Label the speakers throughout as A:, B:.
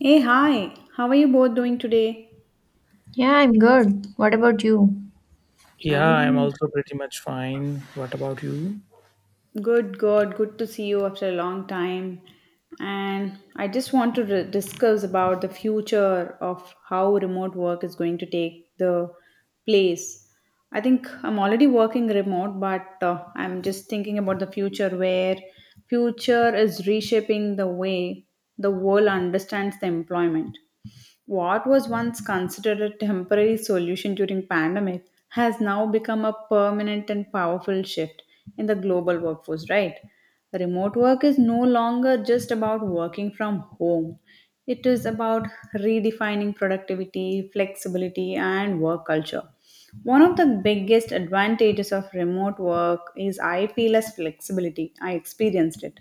A: Hey, hi. How are you both doing today?
B: Yeah, I'm good. What about you?
C: Yeah, I'm
A: I'm
C: also pretty much fine. What about you?
A: good, good. Good to see you after a long time. And I just want to discuss about the future of how remote work is going to take the place. I think I'm already working remote, but I'm just thinking about the future where future is reshaping the way the world understands the employment. What was once considered a temporary solution during pandemic has now become a permanent and powerful shift in the global workforce, right? Remote work is no longer just about working from home. It is about redefining productivity, flexibility, and work culture. One of the biggest advantages of remote work is I feel as flexibility. I experienced it.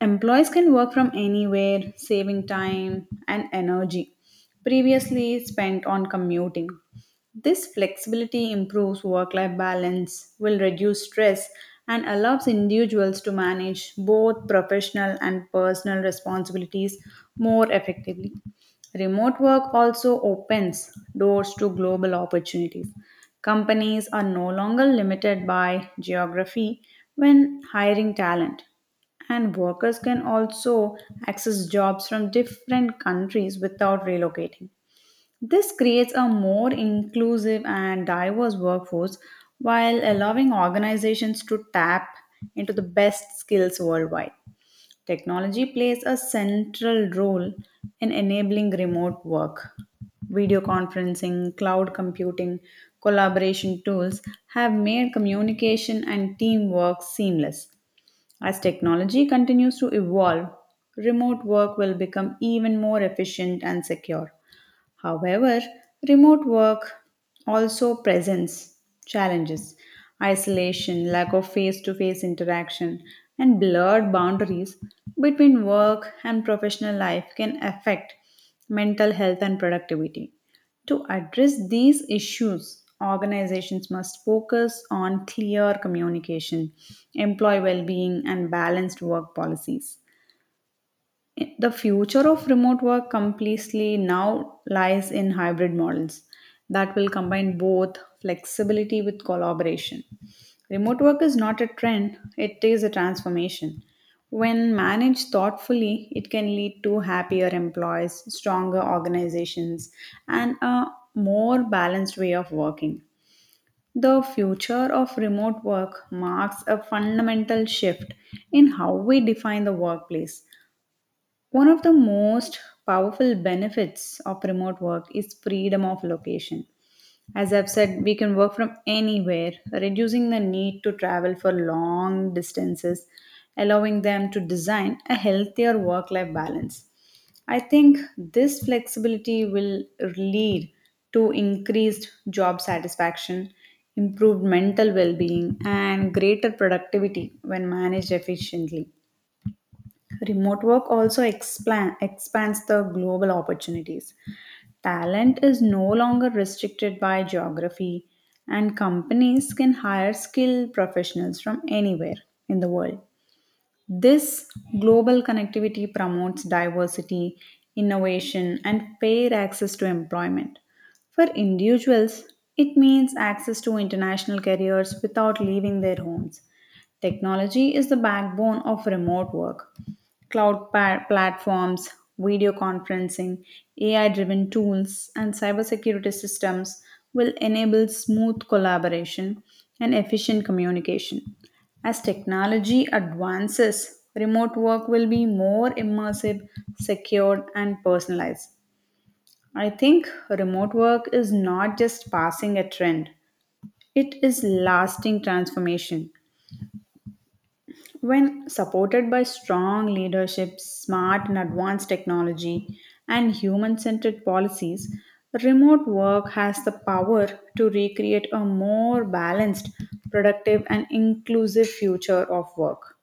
A: Employees can work from anywhere, saving time and energy previously spent on commuting. This flexibility improves work life balance, will reduce stress, and allows individuals to manage both professional and personal responsibilities more effectively. Remote work also opens doors to global opportunities. Companies are no longer limited by geography when hiring talent, and workers can also access jobs from different countries without relocating. This creates a more inclusive and diverse workforce while allowing organizations to tap into the best skills worldwide. Technology plays a central role in enabling remote work. Video conferencing, cloud computing, collaboration tools have made communication and teamwork seamless. As technology continues to evolve, remote work will become even more efficient and secure. However, remote work also presents challenges. Isolation, lack of face to face interaction, and blurred boundaries between work and professional life can affect mental health and productivity. To address these issues, organizations must focus on clear communication, employee well being, and balanced work policies. The future of remote work completely now lies in hybrid models that will combine both flexibility with collaboration. Remote work is not a trend, it is a transformation. When managed thoughtfully, it can lead to happier employees, stronger organizations, and a more balanced way of working. The future of remote work marks a fundamental shift in how we define the workplace one of the most powerful benefits of remote work is freedom of location. As I've said, we can work from anywhere, reducing the need to travel for long distances, allowing them to design a healthier work life balance. I think this flexibility will lead to increased job satisfaction, improved mental well being, and greater productivity when managed efficiently. Remote work also expands the global opportunities. Talent is no longer restricted by geography, and companies can hire skilled professionals from anywhere in the world. This global connectivity promotes diversity, innovation, and fair access to employment. For individuals, it means access to international careers without leaving their homes. Technology is the backbone of remote work. Platforms, video conferencing, AI driven tools, and cybersecurity systems will enable smooth collaboration and efficient communication. As technology advances, remote work will be more immersive, secured, and personalized. I think remote work is not just passing a trend, it is lasting transformation. When supported by strong leadership, smart and advanced technology, and human centered policies, remote work has the power to recreate a more balanced, productive, and inclusive future of work.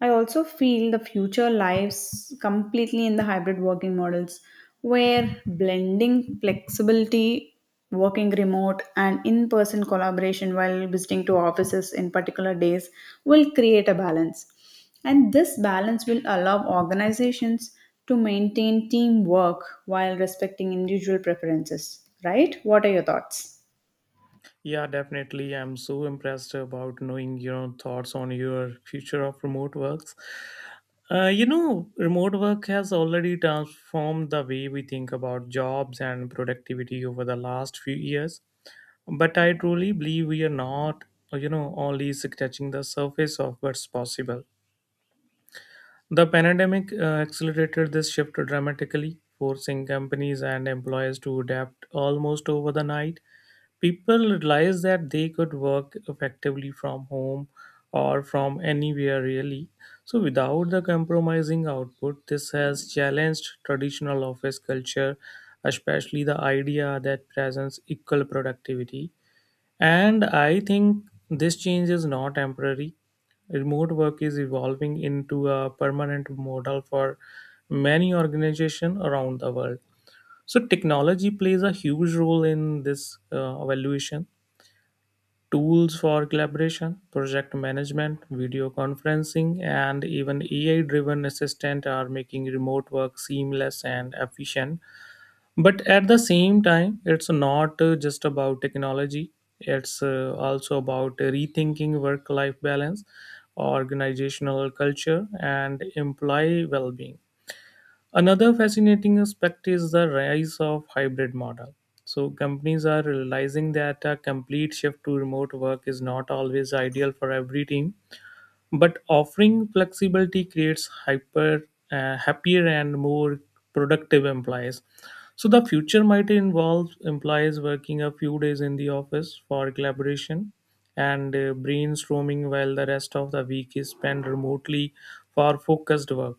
A: I also feel the future lies completely in the hybrid working models where blending flexibility, working remote, and in person collaboration while visiting to offices in particular days will create a balance. And this balance will allow organizations to maintain teamwork while respecting individual preferences, right? What are your thoughts?
C: Yeah, definitely. I'm so impressed about knowing your thoughts on your future of remote works. Remote work has already transformed the way we think about jobs and productivity over the last few years. But I truly believe we are not only scratching the surface of what's possible. The pandemic accelerated this shift dramatically, forcing companies and employers to adapt almost over the night. People realized that they could work effectively from home or from anywhere really. So, without the compromising output, this has challenged traditional office culture, especially the idea that presence equal productivity. And I think this change is not temporary. Remote work is evolving into a permanent model for many organizations around the world. So, technology plays a huge role in this evaluation. Tools for collaboration, project management, video conferencing, and even AI driven assistant are making remote work seamless and efficient, but at the same time, it's not just about technology, it's also about rethinking work life balance, organizational culture, and employee well-being. Another fascinating aspect is the rise of hybrid model. So companies are realizing that a complete shift to remote work is not always ideal for every team, but offering flexibility creates hyper happier and more productive employees. So the future might involve employees working a few days in the office for collaboration and brainstorming, while the rest of the week is spent remotely for focused work.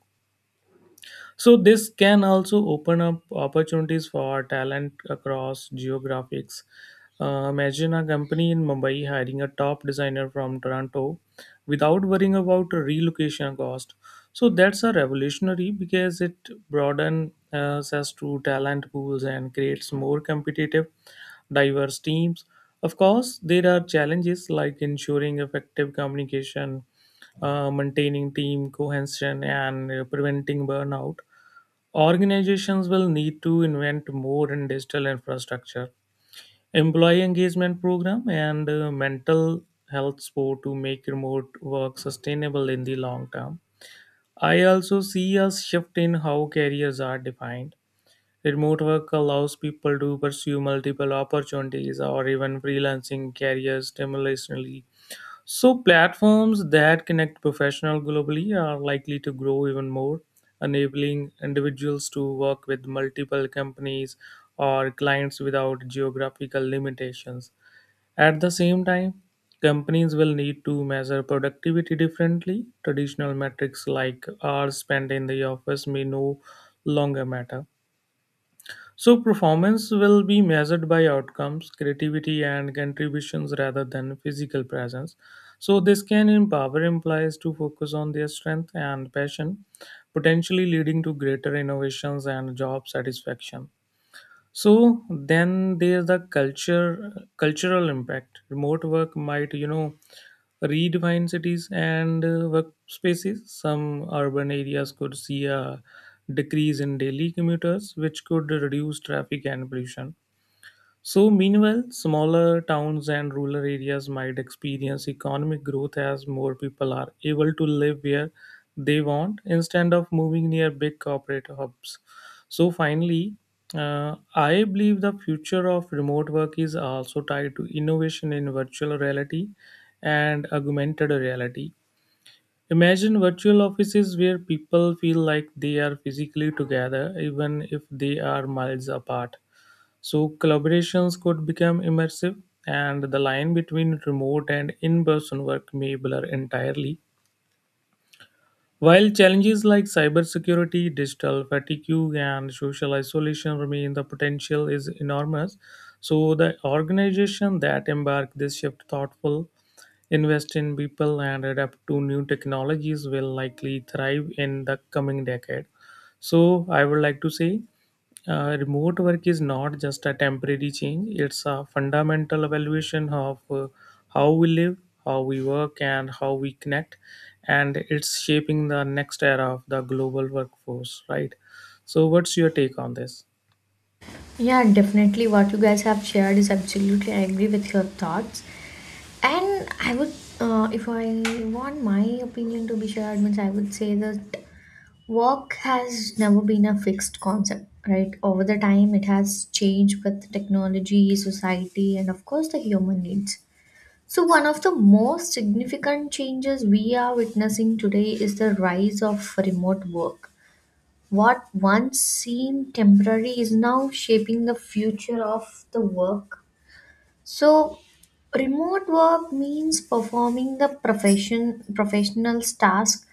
C: So this can also open up opportunities for talent across geographics. Imagine a company in Mumbai hiring a top designer from Toronto without worrying about relocation cost. So that's a revolutionary, because it broadens access to talent pools and creates more competitive, diverse teams. Of course, there are challenges like ensuring effective communication, maintaining team cohesion, and preventing burnout. Organizations will need to invent more in digital infrastructure, employee engagement program, and mental health support to make remote work sustainable in the long term. I also see a shift in how careers are defined. Remote work allows people to pursue multiple opportunities or even freelancing careers simultaneously. So, platforms that connect professionals globally are likely to grow even more, enabling individuals to work with multiple companies or clients without geographical limitations. At the same time, companies will need to measure productivity differently. Traditional metrics like hours spent in the office may no longer matter. So, performance will be measured by outcomes, creativity, and contributions rather than physical presence. So, this can empower employees to focus on their strength and passion, potentially leading to greater innovations and job satisfaction. So then there's the culture cultural impact. Remote work might, you know, redefine cities and workspaces. Some urban areas could see a decrease in daily commuters, which could reduce traffic and pollution. So, meanwhile, smaller towns and rural areas might experience economic growth as more people are able to live where they want instead of moving near big corporate hubs. So, finally, I believe the future of remote work is also tied to innovation in virtual reality and augmented reality. Imagine virtual offices where people feel like they are physically together even if they are miles apart. So collaborations could become immersive, and the line between remote and in person work may blur entirely. While challenges like cybersecurity, digital fatigue, and social isolation remain, the potential is enormous. So, the organization that embark this shift thoughtful, invest in people, and adapt to new technologies will likely thrive in the coming decade. So I would like to say, remote work is not just a temporary change, it's a fundamental evaluation of how we live, how we work, and how we connect. And it's shaping the next era of the global workforce, right? So, what's your take on this?
B: Yeah, definitely what you guys have shared is absolutely I agree with your thoughts. And I would, if I want my opinion to be shared means I would say that work has never been a fixed concept, right? Over the time it has changed with technology, society, and of course the human needs. So one of the most significant changes we are witnessing today is the rise of remote work. What once seemed temporary is now shaping the future of the work. So, remote work means performing the professional's task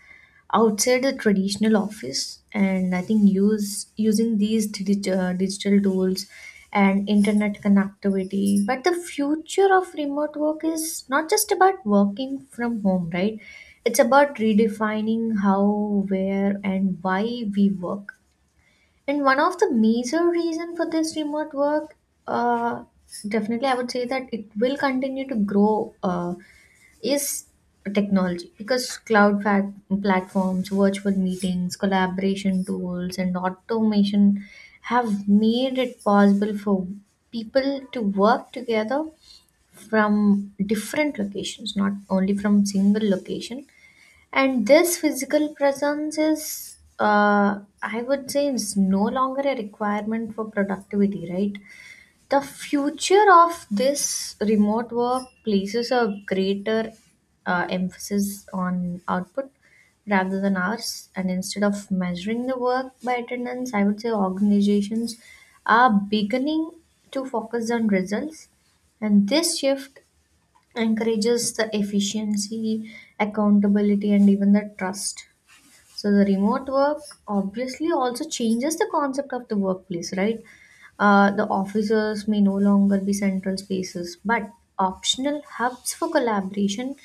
B: outside the traditional office, and I think use using these digital tools and internet connectivity. But the future of remote work is not just about working from home, right? It's about redefining how, where, and why we work. And one of the major reason for this remote work, uh, definitely I would say that it will continue to grow, is technology, because platforms, virtual meetings, collaboration tools, and automation have made it possible for people to work together from different locations, not only from single location. And this physical presence is, I would say, is no longer a requirement for productivity, right? The future of this remote work places a greater emphasis on output rather than hours. And instead of measuring the work by attendance, I would say organizations are beginning to focus on results. And this shift encourages the efficiency, accountability, and even the trust. So the remote work obviously also changes the concept of the workplace, right? The offices may no longer be central spaces, but optional hubs for collaboration.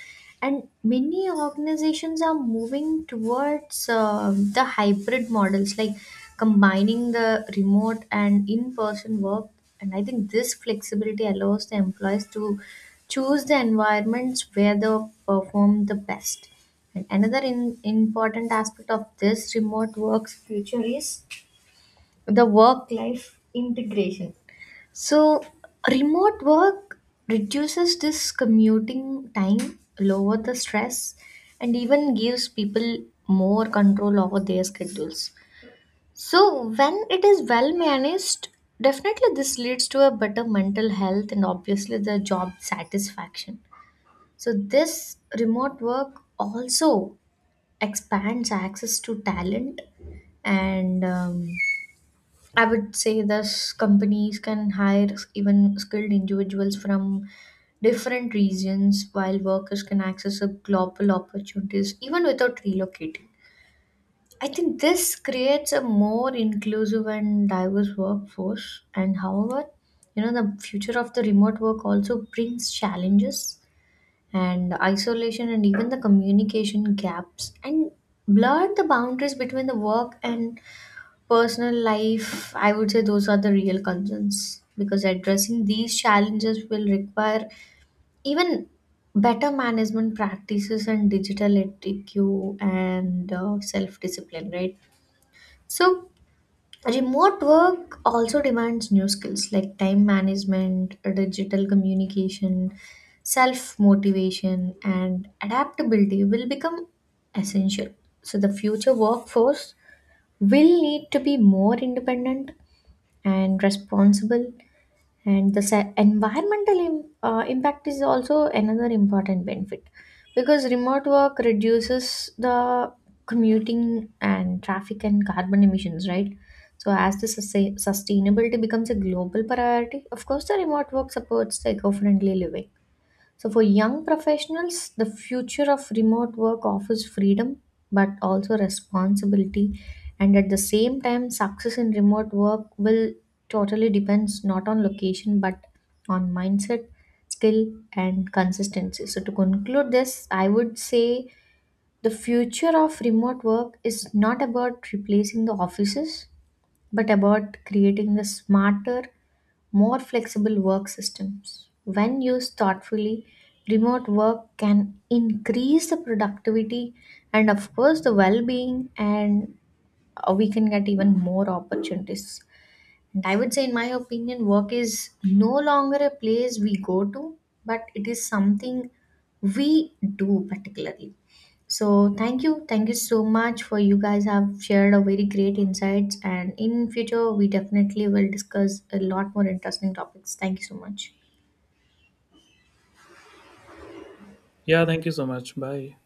B: And many organizations are moving towards the hybrid models, like combining the remote and in person work. And I think this flexibility allows the employees to choose the environments where they perform the best. And another in, important aspect of this remote work's future is the work life integration. So, remote work reduces this commuting time, lower the stress, and even gives people more control over their schedules. So, when it is well managed, definitely this leads to a better mental health and obviously the job satisfaction. So, this remote work also expands access to talent, and I would say thus companies can hire even skilled individuals from different regions, while workers can access a global opportunities even without relocating. I think this creates a more inclusive and diverse workforce. And however, the future of the remote work also brings challenges, and isolation and even the communication gaps and blurred the boundaries between the work and personal life, I would say those are the real concerns. Because addressing these challenges will require even better management practices and digital etiquette and self discipline, right? So remote work also demands new skills like time management, digital communication, self motivation, and adaptability will become essential. So, the future workforce will need to be more independent and responsible. And the environmental impact is also another important benefit, because remote work reduces the commuting and traffic and carbon emissions, right? So as the sustainability becomes a global priority, of course the remote work supports the eco-friendly living. So, for young professionals, the future of remote work offers freedom but also responsibility. And at the same time, success in remote work will totally depends not on location but on mindset, skill, and consistency. So, to conclude this, I would say the future of remote work is not about replacing the offices but about creating the smarter, more flexible work systems. When used thoughtfully, remote work can increase the productivity and, of course, the well being, and we can get even more opportunities. And I would say, in my opinion, work is no longer a place we go to, but it is something we do particularly. So thank you. Thank you so much for you guys have shared a very great insights, and in future we definitely will discuss a lot more interesting topics. Thank you so much.
C: Yeah, thank you so much. Bye.